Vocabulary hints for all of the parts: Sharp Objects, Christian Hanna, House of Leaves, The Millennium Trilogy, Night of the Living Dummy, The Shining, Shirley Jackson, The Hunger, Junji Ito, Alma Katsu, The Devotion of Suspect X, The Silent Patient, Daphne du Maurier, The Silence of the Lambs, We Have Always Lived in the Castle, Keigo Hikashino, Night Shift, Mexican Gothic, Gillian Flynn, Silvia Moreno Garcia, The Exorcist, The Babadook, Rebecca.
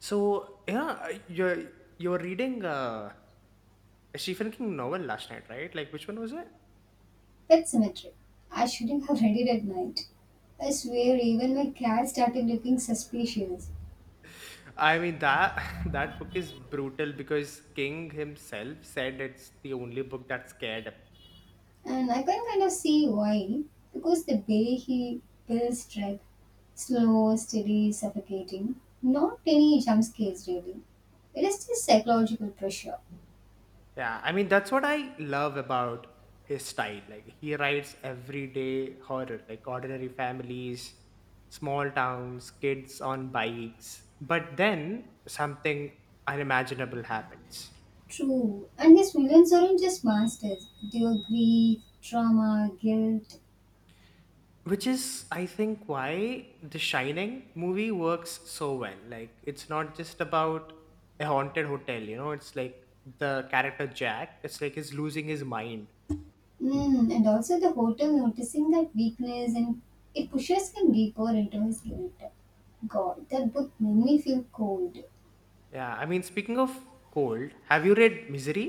So yeah, you're reading a Stephen King novel last night, right? Like which one was it? Pet cemetery. I shouldn't have read it at night. I swear, even my cat started looking suspicious. I mean that that book is brutal because King himself said it's the only book that scared him. And I can kind of see why. Because the way he builds dread, slow, steady, suffocating. Not any jump scares, really. It is just psychological pressure. Yeah, I mean that's what I love about his style. Like he writes everyday horror, like ordinary families, small towns, kids on bikes. But then something unimaginable happens, True. And his villains aren't just monsters. They are grief, trauma, guilt, which is I think why The Shining movie works so well. Like it's not just about a haunted hotel, you know, it's like the character Jack, it's like he's losing his mind. And also the hotel noticing that weakness and it pushes him deeper into his guilt. God, that book made me feel cold. Yeah, I mean, speaking of cold, have you read Misery?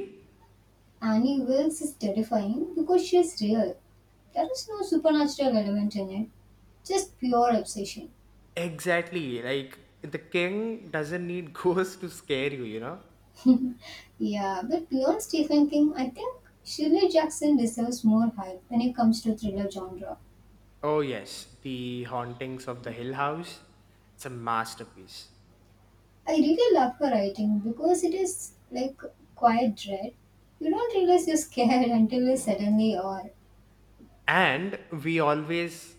Annie Wilkes is terrifying because she is real. There is no supernatural element in it, just pure obsession. Exactly, like the King doesn't need ghosts to scare you, you know. Yeah, but beyond Stephen King, I think Shirley Jackson deserves more hype when it comes to thriller genre. Oh yes, The Hauntings of the Hill House, it's a masterpiece. I really love her writing because it is like quiet dread. You don't realize you're scared until you suddenly are. And we always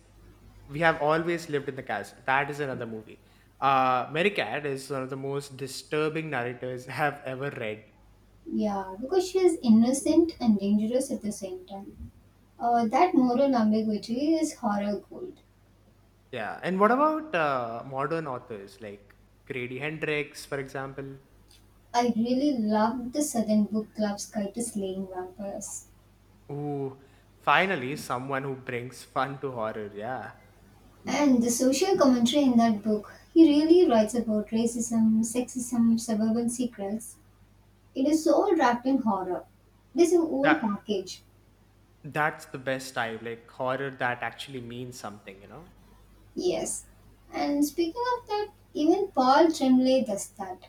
we have always lived in the castle, that is another movie. Mary Cat is one of the most disturbing narrators I have ever read. Yeah, because she is innocent and dangerous at the same time. That moral ambiguity is horror gold. Yeah, and what about modern authors like Grady Hendrix, for example? I really love the Southern Book Club's guide to slaying vampires. Ooh, finally someone who brings fun to horror, yeah. And the social commentary in that book, he really writes about racism, sexism, suburban secrets. It is all wrapped in horror. It is a whole that package. that's the best type, like horror that actually means something, you know. Yes. And speaking of that, even Paul Tremblay does that.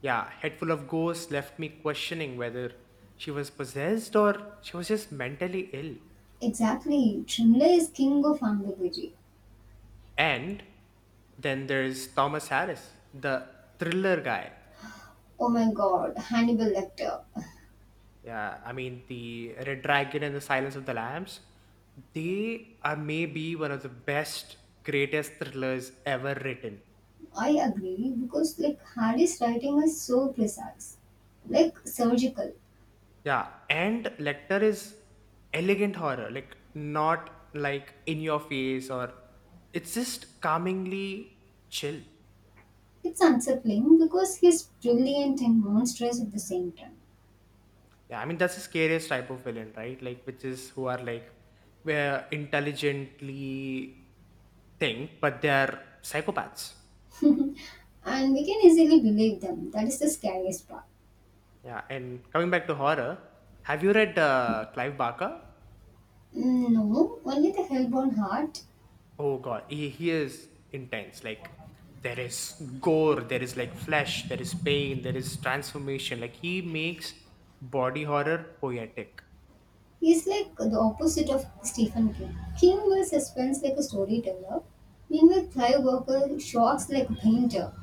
Yeah, Head Full of Ghosts left me questioning whether she was possessed or she was just mentally ill. Exactly. Tremblay is king of ambiguity. And then there's Thomas Harris, the thriller guy. Oh my god, Hannibal Lecter. Yeah, I mean, the Red Dragon and the Silence of the Lambs, they are maybe one of the best, greatest thrillers ever written. I agree because like Harry's writing is so precise. Like surgical. Yeah, and Lecter is elegant horror, like not like in your face, or it's just calmingly chill. It's unsettling because he's brilliant and monstrous at the same time. Yeah, I mean that's the scariest type of villain, right? Like which is, who are like, where intelligently think, but they are psychopaths. And we can easily believe them. That is the scariest part. Yeah, and coming back to horror, have you read Clive Barker? Mm, no, only the hellborn heart. Oh god, he is intense. Like there is gore, there is like flesh, there is pain, there is transformation. Like he makes body horror poetic. He's like the opposite of Stephen King. King will suspense like a storyteller. Meanwhile, Clive Barker shocks like a painter.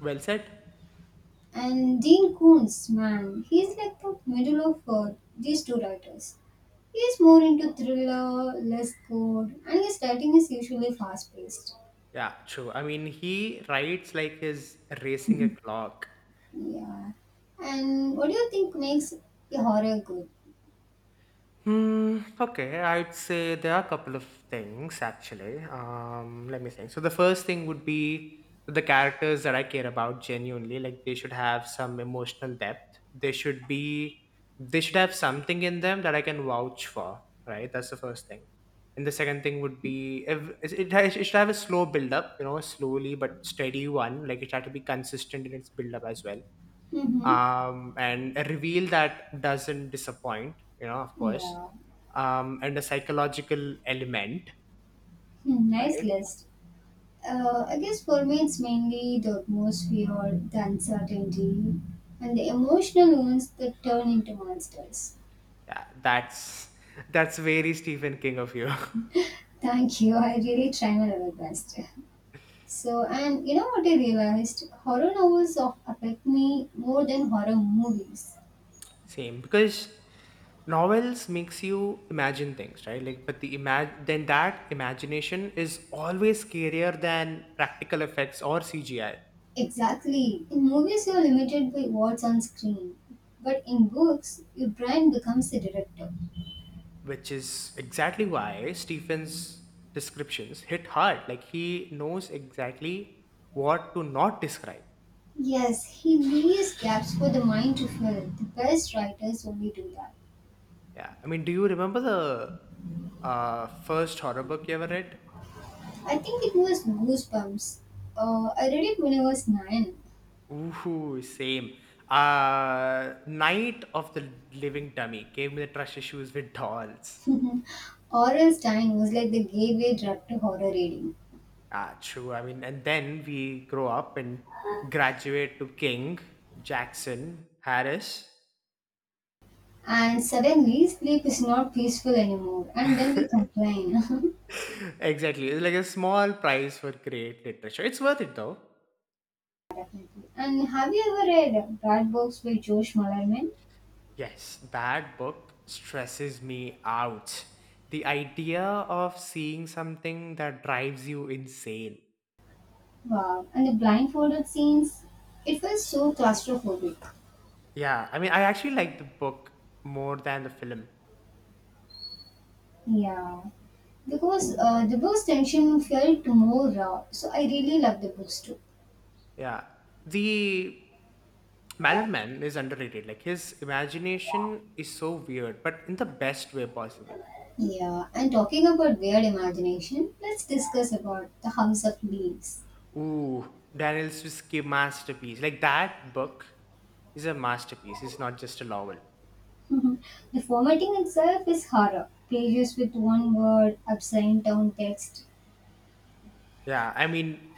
Well said. And Dean Koontz, man, he's like the middle of these two writers. He is more into thriller, less code, and his writing is usually fast paced. Yeah, true. I mean, he writes like he's racing a clock. Yeah. And what do you think makes a horror good? Hmm, okay, I'd say there are a couple of things actually. Let me think. So the first thing would be the characters that I care about genuinely, like they should have some emotional depth. They should have something in them that I can vouch for, right? That's the first thing. And the second thing would be if it should have a slow build up, you know, slowly but steady one. Like it should have to be consistent in its build up as well. Mm-hmm. And a reveal that doesn't disappoint, you know, of course, Yeah. And a psychological element, Hmm, nice right? list. I guess for me, it's mainly the atmosphere, the uncertainty, and the emotional wounds that turn into monsters. Yeah, that's that's very Stephen King of you. Thank you. I really try my level best. So, and you know what I realized? Horror novels of affect me more than horror movies. Same, because novels makes you imagine things, right? Like, but the imag then that imagination is always scarier than practical effects or CGI, Exactly. In movies, you're limited by what's on screen. But in books, your brain becomes the director. which is exactly why Stephen's descriptions hit hard. Like he knows exactly what to not describe. Yes, he leaves gaps for the mind to fill. The best writers only do that. Yeah. I mean, do you remember the first horror book you ever read? I think it was Goosebumps. I read it when I was nine. Ooh, same. Night of the Living Dummy gave me the trust issues with dolls. Oral Time was like the gateway drug to horror reading. Ah, true. I mean, and then we grow up and graduate to King, Jackson, Harris. And suddenly sleep is not peaceful anymore, and then we complain. Exactly. It's like a small prize for great literature. It's worth it though. And have you ever read Bad Books by Josh Mullerman? Yes, that book stresses me out. The idea of seeing something that drives you insane. Wow. And the blindfolded scenes, it was so claustrophobic. Yeah, I mean, I actually like the book more than the film. Yeah. Because the book's tension felt more raw, so I really love the books too. Yeah. The Mallerman is underrated. Like, his imagination is so weird, but in the best way possible. Yeah, and talking about weird imagination, let's discuss about the House of Leaves. Ooh, Daniel Swisky masterpiece. Like, that book is a masterpiece. It's not just a novel. The formatting itself is horror. Pages with one word, upside down text. Yeah, I mean,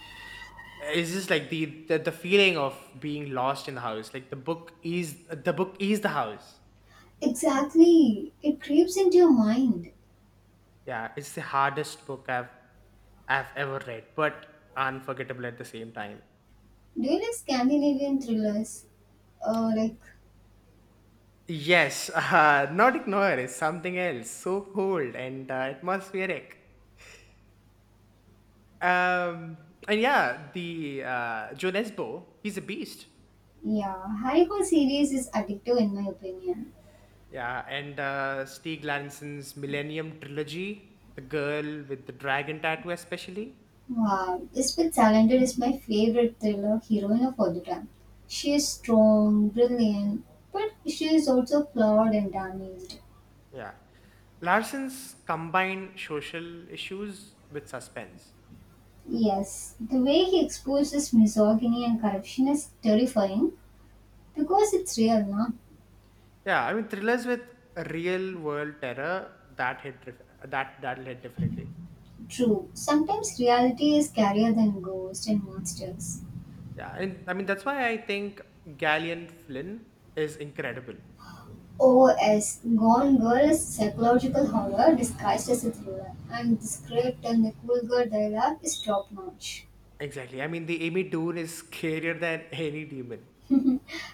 it's just like the feeling of being lost in the house, like the book is, the house. Exactly. It creeps into your mind. Yeah, it's the hardest book I've ever read, but unforgettable at the same time. Do you like Scandinavian thrillers? Like, Yes, not ignore, it's something else, so cold and atmospheric. um and yeah, the Joe Nesbo, he's a beast. yeah, Harry Potter series is addictive in my opinion. Yeah, and Stieg Larson's Millennium trilogy, the Girl with the Dragon Tattoo especially. Wow, Isabel Salander is my favorite thriller heroine of all the time. She is strong, brilliant, but she is also flawed and damaged. Yeah. Larson's combine social issues with suspense. Yes, the way he exposes misogyny and corruption is terrifying because it's real, not Yeah, I mean thrillers with real world terror that that'll hit differently. true. Sometimes reality is scarier than ghosts and monsters. Yeah, and I mean that's why I think Galleon Flynn is incredible. OS Gone Girl is psychological horror disguised as a thriller, and the script and the cool girl dialogue is top notch. Exactly. I mean the Amy Dune is scarier than any demon.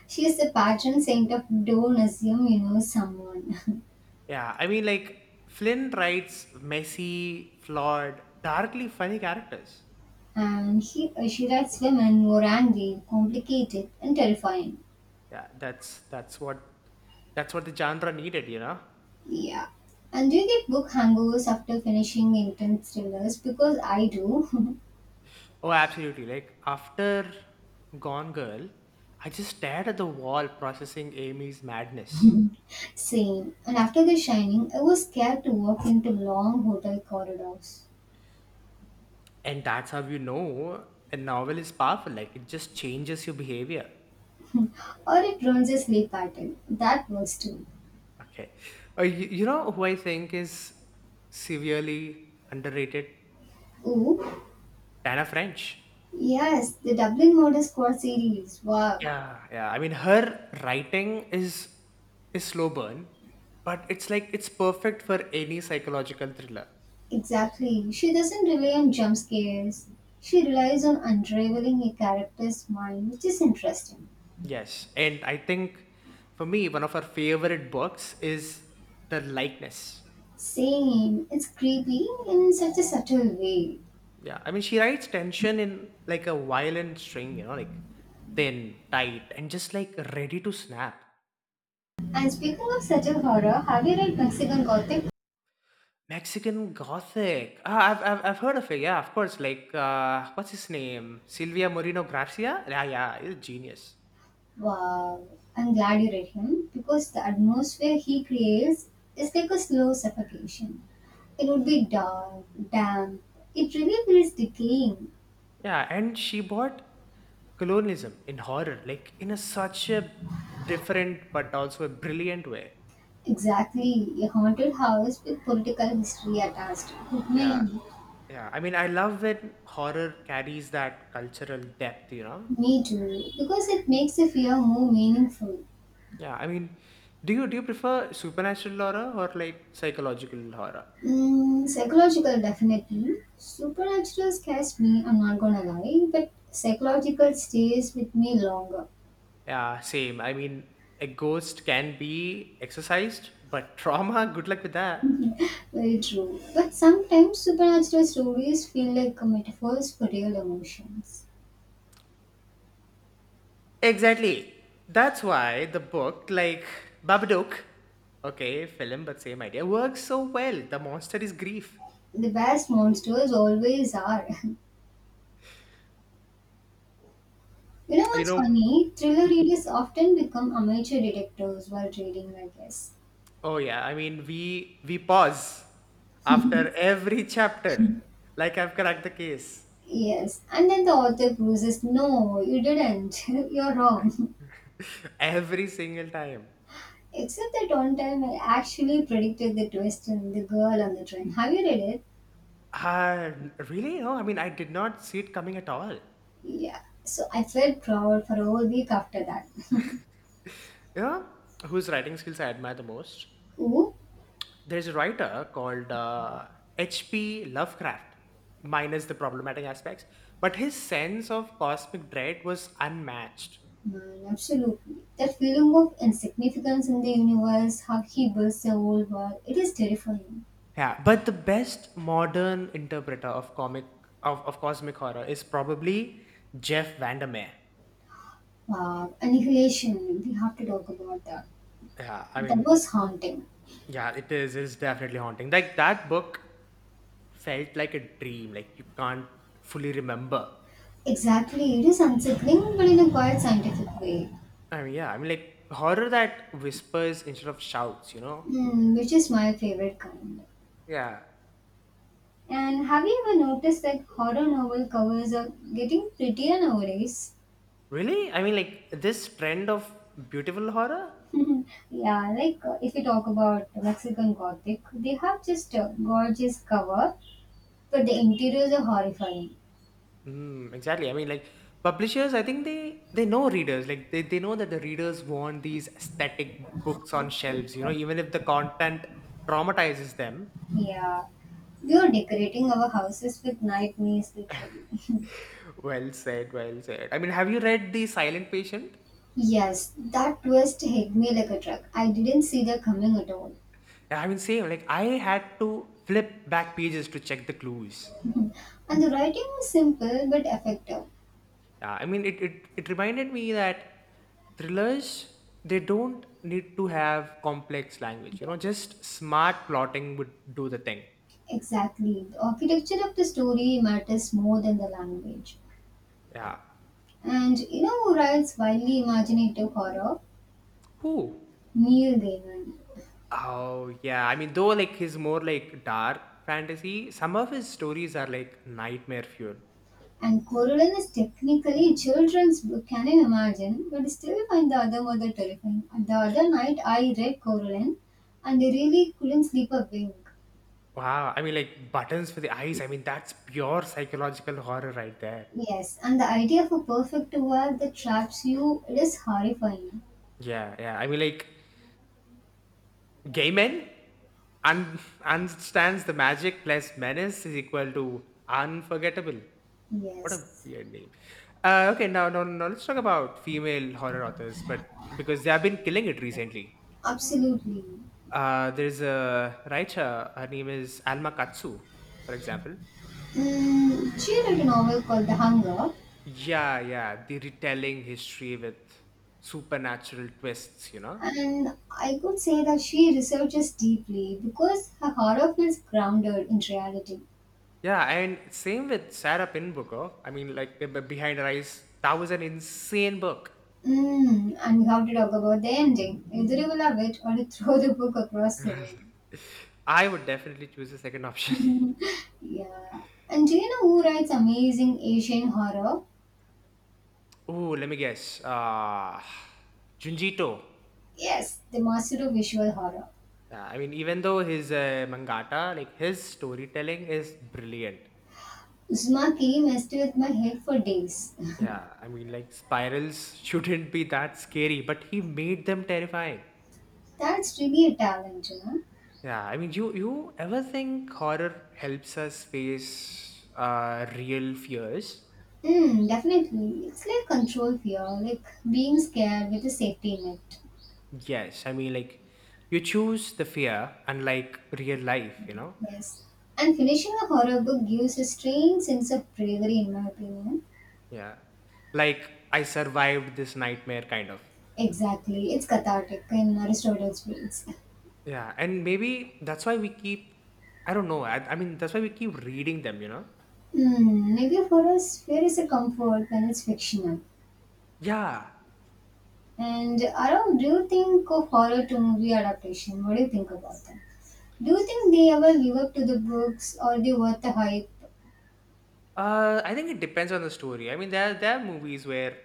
She is the patron saint of Dole Assume you know someone. Yeah, I mean like Flynn writes messy, flawed, darkly funny characters. And she writes women more angry, complicated, and terrifying. Yeah, that's what the genre needed, you know. Yeah. And do you get book hangovers after finishing intense thrillers? Because I do. Oh, absolutely. Like after Gone Girl, I just stared at the wall processing Amy's madness. Same. And after The Shining, I was scared to walk into long hotel corridors. And that's how you know a novel is powerful. Like it just changes your behavior. Or it ruins a sleep pattern. That works too. Okay. You know who I think is severely underrated? Ooh. Tana French. Yes, the Dublin Murder Squad series. Wow. Yeah. Yeah. I mean, her writing is slow burn, but it's like it's perfect for any psychological thriller. Exactly. She doesn't rely on jump scares. She relies on unraveling a character's mind, which is interesting. Yes, and I think for me, one of her favorite books is The Likeness. Same. It's creepy in such a subtle way. Yeah, I mean, she writes tension in like a violin string, you know, like thin, tight, and just like ready to snap. And speaking of subtle horror, have you read Mexican Gothic? Mexican Gothic. Ah, I've heard of it. Yeah, of course. Like, what's his name? Silvia Moreno Garcia? Yeah, he's a genius. Wow. I'm glad you read him because the atmosphere he creates is like a slow suffocation. It would be dark, damp. It really feels decaying. Yeah, and she bought colonialism in horror, like in a such a different but also a brilliant way. Exactly. A haunted house with political history attached. Good Yeah, man. Yeah, I mean, I love when horror carries that cultural depth, you know? Me too, because it makes the fear more meaningful. Yeah, I mean, do you prefer supernatural horror or like psychological horror? Mm, psychological, definitely. Supernatural scares me, I'm not gonna lie, but psychological stays with me longer. Yeah, same. I mean, a ghost can be exorcised, but trauma, good luck with that. Very true. But sometimes supernatural stories feel like metaphors for real emotions. Exactly. That's why the book, like Babadook, okay, film, but same idea, works so well. The monster is grief. The best monsters always are. You know You what's know, funny? Thriller readers often become amateur detectives while reading, I guess. oh yeah, I mean we pause after every chapter. Like I've cracked the case Yes, and then the author proves, no, you didn't. You're wrong. every single time. Except that one time I actually predicted the twist in The Girl on the Train. Have you read it? Uh, really? No, I mean I did not see it coming at all. Yeah. So I felt proud for a whole week after that. You know whose writing skills I admire the most? Who? There's a writer called H.P. Lovecraft, minus the problematic aspects, but his sense of cosmic dread was unmatched. Man, absolutely. That feeling of insignificance in the universe, how he builds the whole world, it is terrifying. Yeah, but the best modern interpreter of of cosmic horror is probably Jeff Vandermeer. Wow, annihilation, we have to talk about that. Yeah, I That mean, was haunting. yeah, it is, it's definitely haunting. Like that book felt like a dream, like you can't fully remember. Exactly, it is unsettling but in a quite scientific way. Yeah, I mean like horror that whispers instead of shouts, you know? Hmm, which is my favorite kind. Yeah. And have you ever noticed that horror novel covers are getting prettier nowadays? Really? I mean like this trend of beautiful horror? Yeah, like if you talk about Mexican Gothic, they have just a gorgeous cover, but the interiors are horrifying. Mm, exactly. I mean, like publishers, I think they know readers. Like they know that the readers want these aesthetic books on shelves. You know, even if the content traumatizes them. Yeah, we are decorating our houses with nightmares literally. Well said. Well said. I mean, have you read the Silent Patient? Yes, that twist hit me like a truck. I didn't see that coming at all. Yeah, I mean, same. Like I had to flip back pages to check the clues. And the writing was simple but effective. Yeah, I mean, it reminded me that thrillers they don't need to have complex language. You Yeah. know, just smart plotting would do the thing. Exactly. The architecture of the story matters more than the language. Yeah. And you know who writes wildly imaginative horror? Who? Neil Gaiman. Oh yeah, I mean, though like his more like dark fantasy, some of his stories are like nightmare fuel. And Coraline is technically a children's book, can you imagine? But I still find the other mother terrifying. And the other night I read Coraline and I really couldn't sleep a wink. Wow, I mean like buttons for the eyes. I mean that's pure psychological horror right there. Yes, and the idea of a perfect world that traps you, it is horrifying. Yeah, yeah. I mean like gay men un- understands the magic plus menace is equal to unforgettable. What a Yes, weird name. Okay, now let's talk about female horror authors, but because they have been killing it recently. absolutely. There's a writer, her name is Alma Katsu, for example. Mm, she wrote a novel called The Hunger. Yeah, the retelling history with supernatural twists, you know? And I could say that she researches deeply because her horror feels grounded in reality. Yeah, and same with Sarah Pin Booker. I mean, like, Behind Her Eyes, that was an insane book. And we have to talk about the ending. Either you will love it or you throw the book across the I would definitely choose the second option. room. Yeah. And do you know who writes amazing Asian horror? Ooh, let me guess. Junji Ito. Yes, the master of visual horror. Yeah, I mean, even though his mangata, like his storytelling is brilliant. Uzumaki messed with my head for days. Yeah, I mean, like spirals shouldn't be that scary, but he made them terrifying. That's really a talent. Yeah, I mean, you ever think horror helps us face real fears? Mm, definitely. It's like control fear, like being scared with a safety net. Yes, I mean, like you choose the fear, unlike real life, you know? Yes. And finishing a horror book gives a strange sense of bravery, in my opinion. Yeah, like I survived this nightmare, kind of. Exactly. It's cathartic in Aristotle's words. Yeah, and maybe that's why we keep. I don't know. I mean, that's why we keep reading them, you know? Hmm. Maybe for us, fear is a comfort when it's fictional. Yeah. And Aram, do you think of horror to movie adaptation? What do you think about them? Do you think they ever live up to the books or they worth the hype? I think it depends on the story. I mean, there are movies where,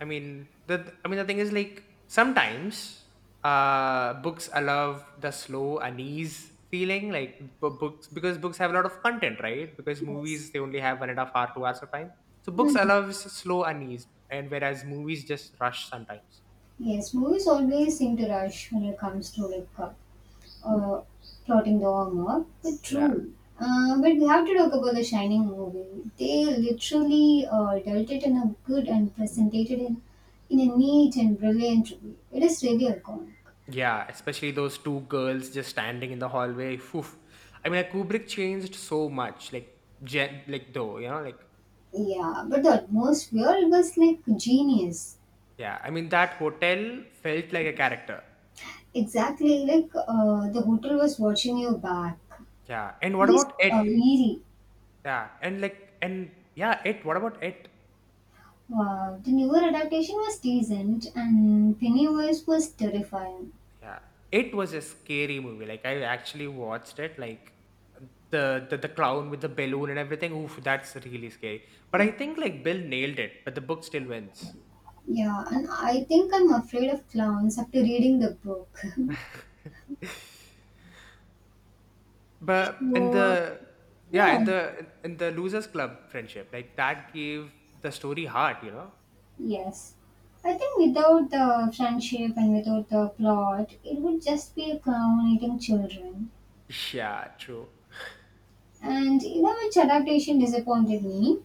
I mean the thing is like sometimes books allow the slow unease feeling like books, because books have a lot of content, right? Because Yes. movies, they only have 1.5 hour, 2 hours of time. So books Hmm. allows slow unease and whereas movies just rush sometimes. Yes, movies always seem to rush when it comes to like uh, plotting the homework. But Yeah, true. But we have to talk about the Shining movie. They literally dealt it in a good and presented it in a neat and brilliant way. It is really iconic. yeah, especially those two girls just standing in the hallway. Phew. I mean like, Kubrick changed so much, like gen- like though you know like Yeah, but the atmosphere it was like genius. Yeah, I mean that hotel felt like a character. Exactly, like the hotel was watching your back. Yeah. And what Just about it? eerie. Yeah. And like and yeah, it what about it? Wow, the newer adaptation was decent, and Pennywise was terrifying. Yeah. It was a scary movie. Like I actually watched it like the clown with the balloon and everything. Oof, that's really scary. But I think like Bill nailed it, but the book still wins. Yeah, and I think I'm afraid of clowns after reading the book. But in So, the yeah, yeah, in the losers club friendship, like that gave the story heart, you know? yes. I think without the friendship and without the plot, it would just be a clown eating children. Yeah, true. And you know which adaptation disappointed me?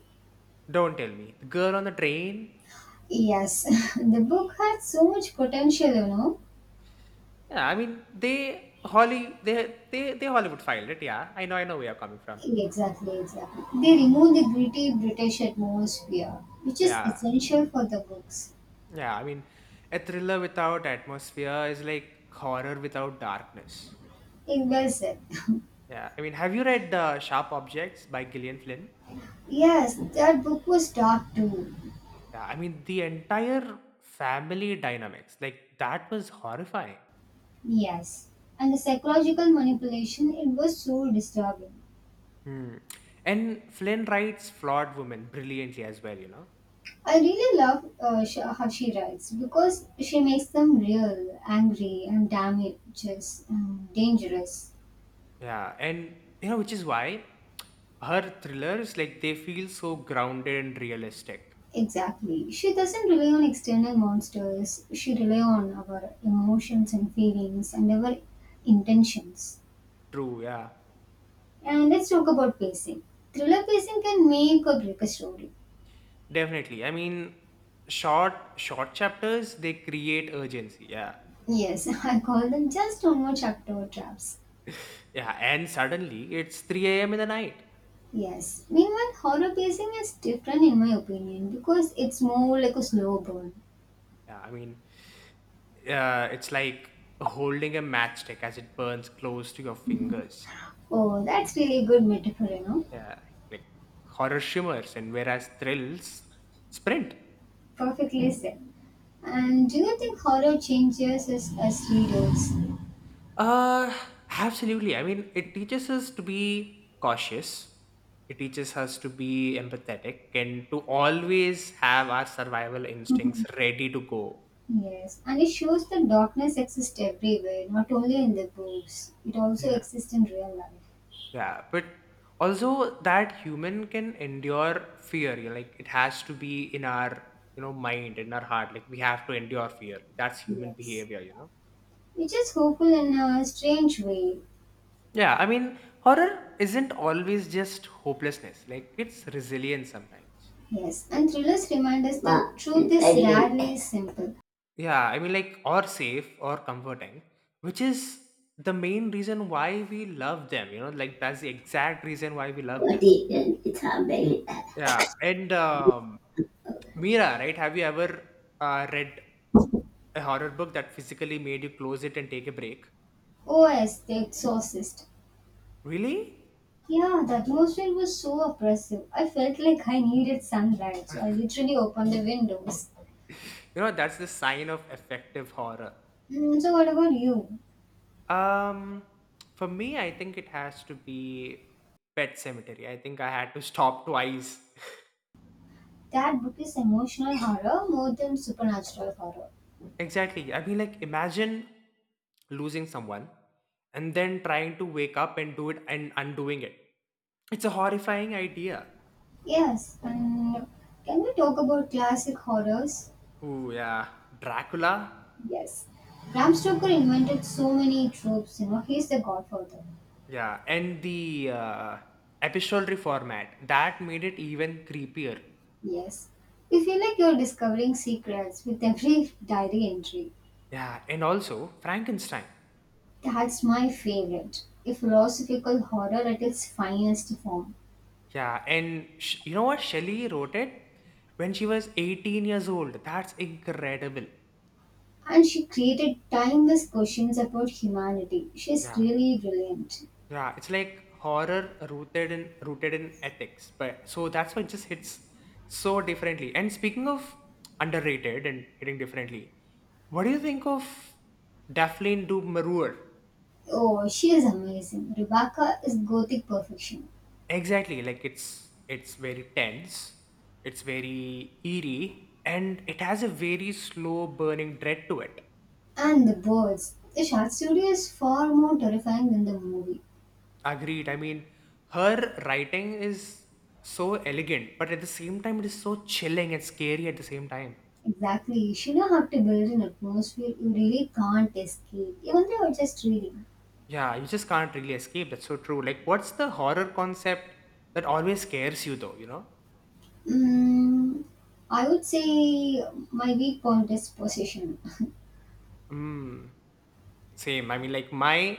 Don't tell me. The girl on the train? Yes, the book had so much potential. Yeah, I mean, they Holly they Hollywood filed it. Yeah, I know where you're coming from. Exactly, exactly. They removed the gritty British atmosphere, which is Yeah, essential for the books. yeah. I mean, a thriller without atmosphere is like horror without darkness. It well said. Yeah, I mean, have you read Sharp Objects by Gillian Flynn? Yes, that book was dark too. Yeah, I mean, the entire family dynamics like that was horrifying. Yes, and the psychological manipulation, it was so disturbing. Hmm. And Flynn writes flawed women brilliantly as well. You know. I really love how she writes because she makes them real, angry, and damages, and dangerous. Yeah, and you know, which is why her thrillers like they feel so grounded and realistic. Exactly. She doesn't rely on external monsters, she relies on our emotions and feelings and our intentions. True, yeah. And let's talk about pacing. Thriller pacing can make or break a story. Definitely. I mean, short chapters they create urgency. Yeah. Yes, I call them just one more chapter traps. Yeah, and suddenly it's 3 a.m. in the night. Yes. Meanwhile, horror pacing is different in my opinion because it's more like a slow burn. Yeah, I mean, it's like holding a matchstick as it burns close to your fingers. Oh, that's really good metaphor. Yeah, like horror shimmers, and whereas thrills sprint. Perfectly said. And do you think horror changes us as readers? Uh, absolutely. I mean, it teaches us to be cautious. It teaches us to be empathetic and to always have our survival instincts Mhm. ready to go. Yes. And it shows that darkness exists everywhere, not only in the books. It also Yeah. exists in real life. Yeah, but also that human can endure fear. You know, like it has to be in our mind, in our heart. Like we have to endure fear. That's human Yes. behavior, you know. Which is hopeful in a strange way. Yeah, I mean, horror isn't always just hopelessness. Like it's resilience sometimes. Yes. And thrillers remind us that wow, truth it's is editing rarely simple. Yeah, I mean, like, or safe or comforting, which is the main reason why we love them, you know, like, that's the exact reason why we love For them. the it's happening. Yeah, and Mira, right? Have you ever read a horror book that physically made you close it and take a break? Oh, yes, The Exorcist. Really? Yeah, the atmosphere was so oppressive. I felt like I needed sunlight, so I literally opened the windows. You know, that's the sign of effective horror. Hmm, so, what about you? Um, for me, I think it has to be Pet Cemetery. I think I had to stop twice. That book is emotional horror more than supernatural horror. Exactly. I mean, like, imagine losing someone and then trying to wake up and do it and undoing it. It's a horrifying idea. Yes, and can we talk about classic horrors? Ooh, yeah. Dracula. Yes. Bram Stoker invented so many tropes, you know, he's the godfather. Yeah. And the epistolary format. That made it even creepier. Yes. You feel like you're discovering secrets with every diary entry. Yeah. And also, Frankenstein. That's my favorite. A philosophical horror at its finest form. Yeah. And you know what? Shelley wrote it when she was 18 years old. That's incredible. And she created timeless questions about humanity. She's Yeah. really brilliant. Yeah, it's like horror rooted in ethics, but so that's why it just hits so differently. And speaking of underrated and hitting differently, what do you think of Daphne du Maurier? Oh, she is amazing. Rebecca is gothic perfection. Exactly, like it's very tense, it's very eerie, and it has a very slow burning dread to it. And the birds. The short story is far more terrifying than the movie. Agreed. I mean, her writing is so elegant, but at the same time, it is so chilling and scary at the same time. Exactly. She know how to build an atmosphere you really can't escape, even though you're just reading. Yeah, you just can't really escape. That's so true. Like, what's the horror concept that always scares you, though? You know? Mm, I would say my weak point is possession. Mm, same. I mean, like, my.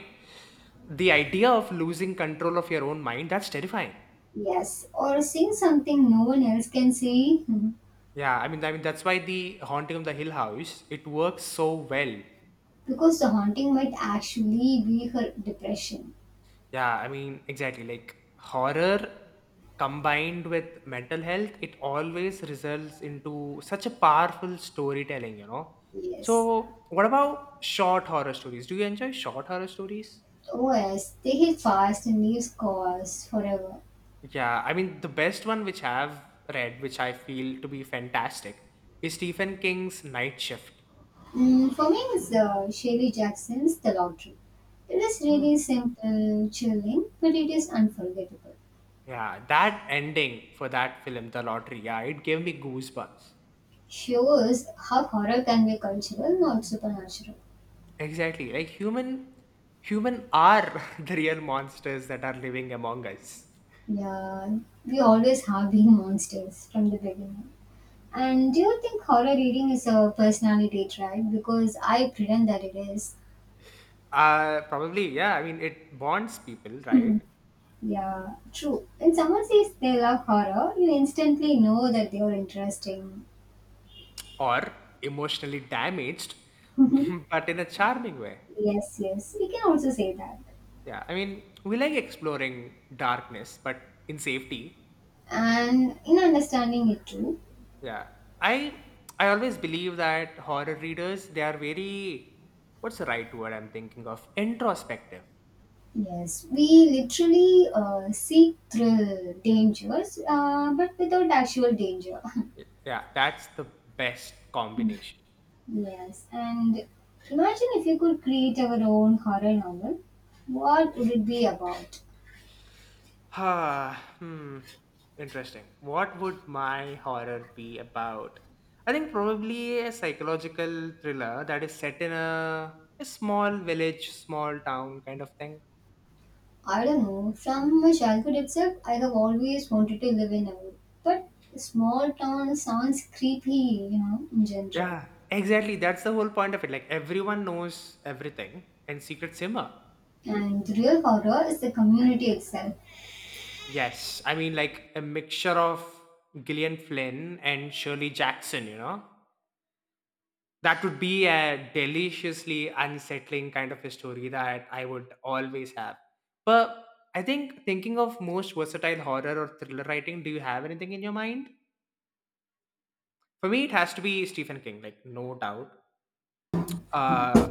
The idea of losing control of your own mind, that's terrifying. Yes, or seeing something no one else can see. Mhm. I mean, that's why the Haunting of the Hill House, it works so well. Because the haunting might actually be her depression. Yeah, I mean, exactly. Like horror combined with mental health, it always results into such a powerful storytelling, you know. Yes. So, what about short horror stories? Do you enjoy short horror stories? Oh, yes, they hit fast and leaves scars forever. Yeah, I mean, the best one which I've read, which I feel to be fantastic, is Stephen King's Night Shift. Mm, for me, it's Shirley Jackson's The Lottery. It is Hmm. really simple, chilling, but it is unforgettable. Yeah, that ending for that film, The Lottery, yeah, it gave me goosebumps. Shows how horror can be cultural, not supernatural. Exactly. Like human are the real monsters that are living among us. Yeah, we always have been monsters from the beginning. And do you think horror reading is a personality trait? Because I pretend that it is. Probably, yeah. I mean it bonds people, right? Yeah, true. When someone says they love horror, you instantly know that they are interesting. Or emotionally damaged, but in a charming way. Yes, yes, we can also say that. Yeah. I mean, we like exploring darkness, but in safety. And in understanding it too, Yeah. I I always believe that horror readers, they are very what's the right word I'm thinking of? Introspective. yes, we literally seek thrill dangers, but without actual danger. Yeah, that's the best combination. Yes, and imagine if you could create our own horror novel, what would it be about? Ah, hmm. Interesting. What would my horror be about? I think probably a psychological thriller that is set in a small village, small town kind of thing. I don't know. From my childhood itself, I have always wanted to live in a wood. But small town sounds creepy, you know, in general. Yeah, exactly. That's the whole point of it. Like everyone knows everything and Secret Simmer. And the real horror is the community itself. Yes, I mean like a mixture of Gillian Flynn and Shirley Jackson, you know? That would be a deliciously unsettling kind of a story that I would always have. But I think thinking of most versatile horror or thriller writing, do you have anything in your mind? For me, it has to be Stephen King, like no doubt. Uh,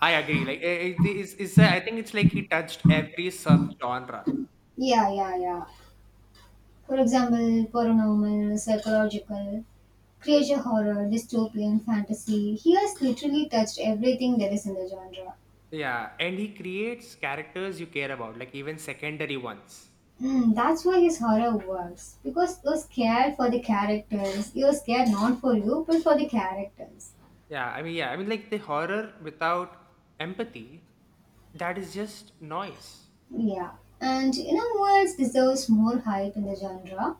I agree. Like it is, I think it's like he touched every sub genre. Yeah, yeah, yeah. For example, paranormal, psychological, creature horror, dystopian, fantasy. He has literally touched everything there is in the genre. Yeah, and he creates characters you care about, like even secondary ones. Mm, that's why his horror works. Because you're scared for the characters. You're scared not for you, but for the characters. Yeah, I mean, like the horror without empathy, that is just noise. Yeah, and you know who else deserves more hype in the genre?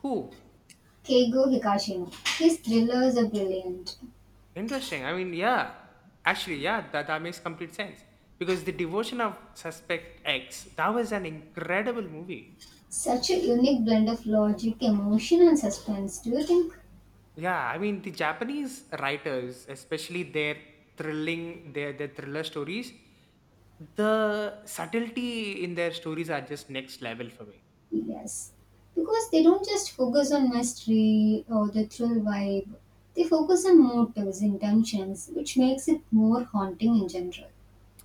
Who? Keigo Hikashino. His thrillers are brilliant. Interesting. I mean, yeah. Actually, yeah, that makes complete sense. Because The Devotion of Suspect X, that was an incredible movie. Such a unique blend of logic, emotion, and suspense, do you think? Yeah, I mean, the Japanese writers, especially their thrilling, their thriller stories, the subtlety in their stories are just next level for me. Yes, because they don't just focus on mystery or the thrill vibe, they focus on motives, intentions, which makes it more haunting in general.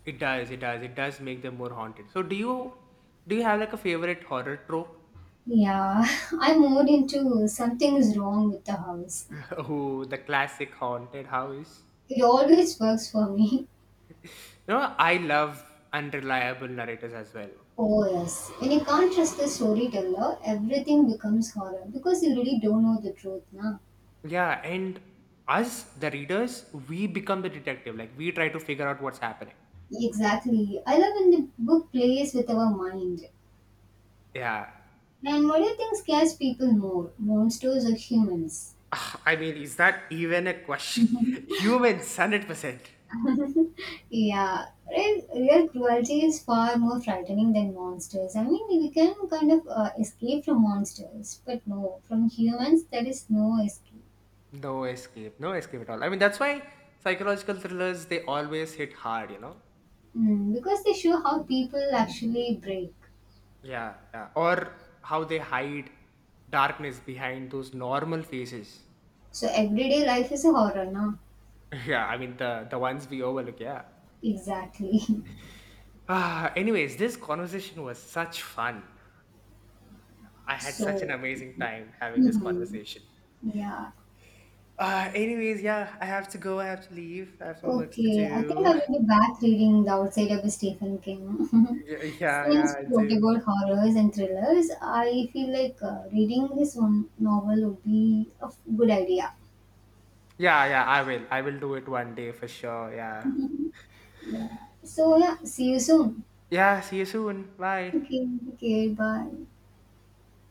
It does make them more haunted. So do you have like a favorite horror trope? Yeah, I'm more into something is wrong with the house. Oh, the classic haunted house. It always works for me. You know, I love unreliable narrators as well. Oh yes, when you can't trust the storyteller, everything becomes horror because you really don't know the truth now. Yeah, and us, the readers, we become the detective. Like, we try to figure out what's happening. Exactly. I love when the book plays with our mind. Yeah. And what do you think scares people more, monsters or humans? Ah, I mean, is that even a question? Humans, 100%. Yeah, real cruelty is far more frightening than monsters. I mean, we can kind of escape from monsters, but no, from humans there is no escape. No escape. No escape at all. I mean, that's why psychological thrillers, they always hit hard, you know? Mm, because they show how people actually break. Yeah, yeah. Or how they hide darkness behind those normal faces. So everyday life is a horror now. Yeah, I mean, the ones we overlook, yeah. Exactly. Ah, anyways, this conversation was such fun. I had such an So, amazing time having this mhm, conversation. yeah. Anyways, yeah, I have to go. I have to leave. I have some works to Okay, I think do. I will be back reading The Outsider by Stephen King. Yeah, yeah, yeah, Since I we talked do. about horrors and thrillers, I feel like reading this one novel would be a good idea. Yeah, yeah, I will. I will do it one day for sure. Yeah. Yeah. So, yeah, see you soon. Yeah, see you soon. Bye. Okay, okay, bye.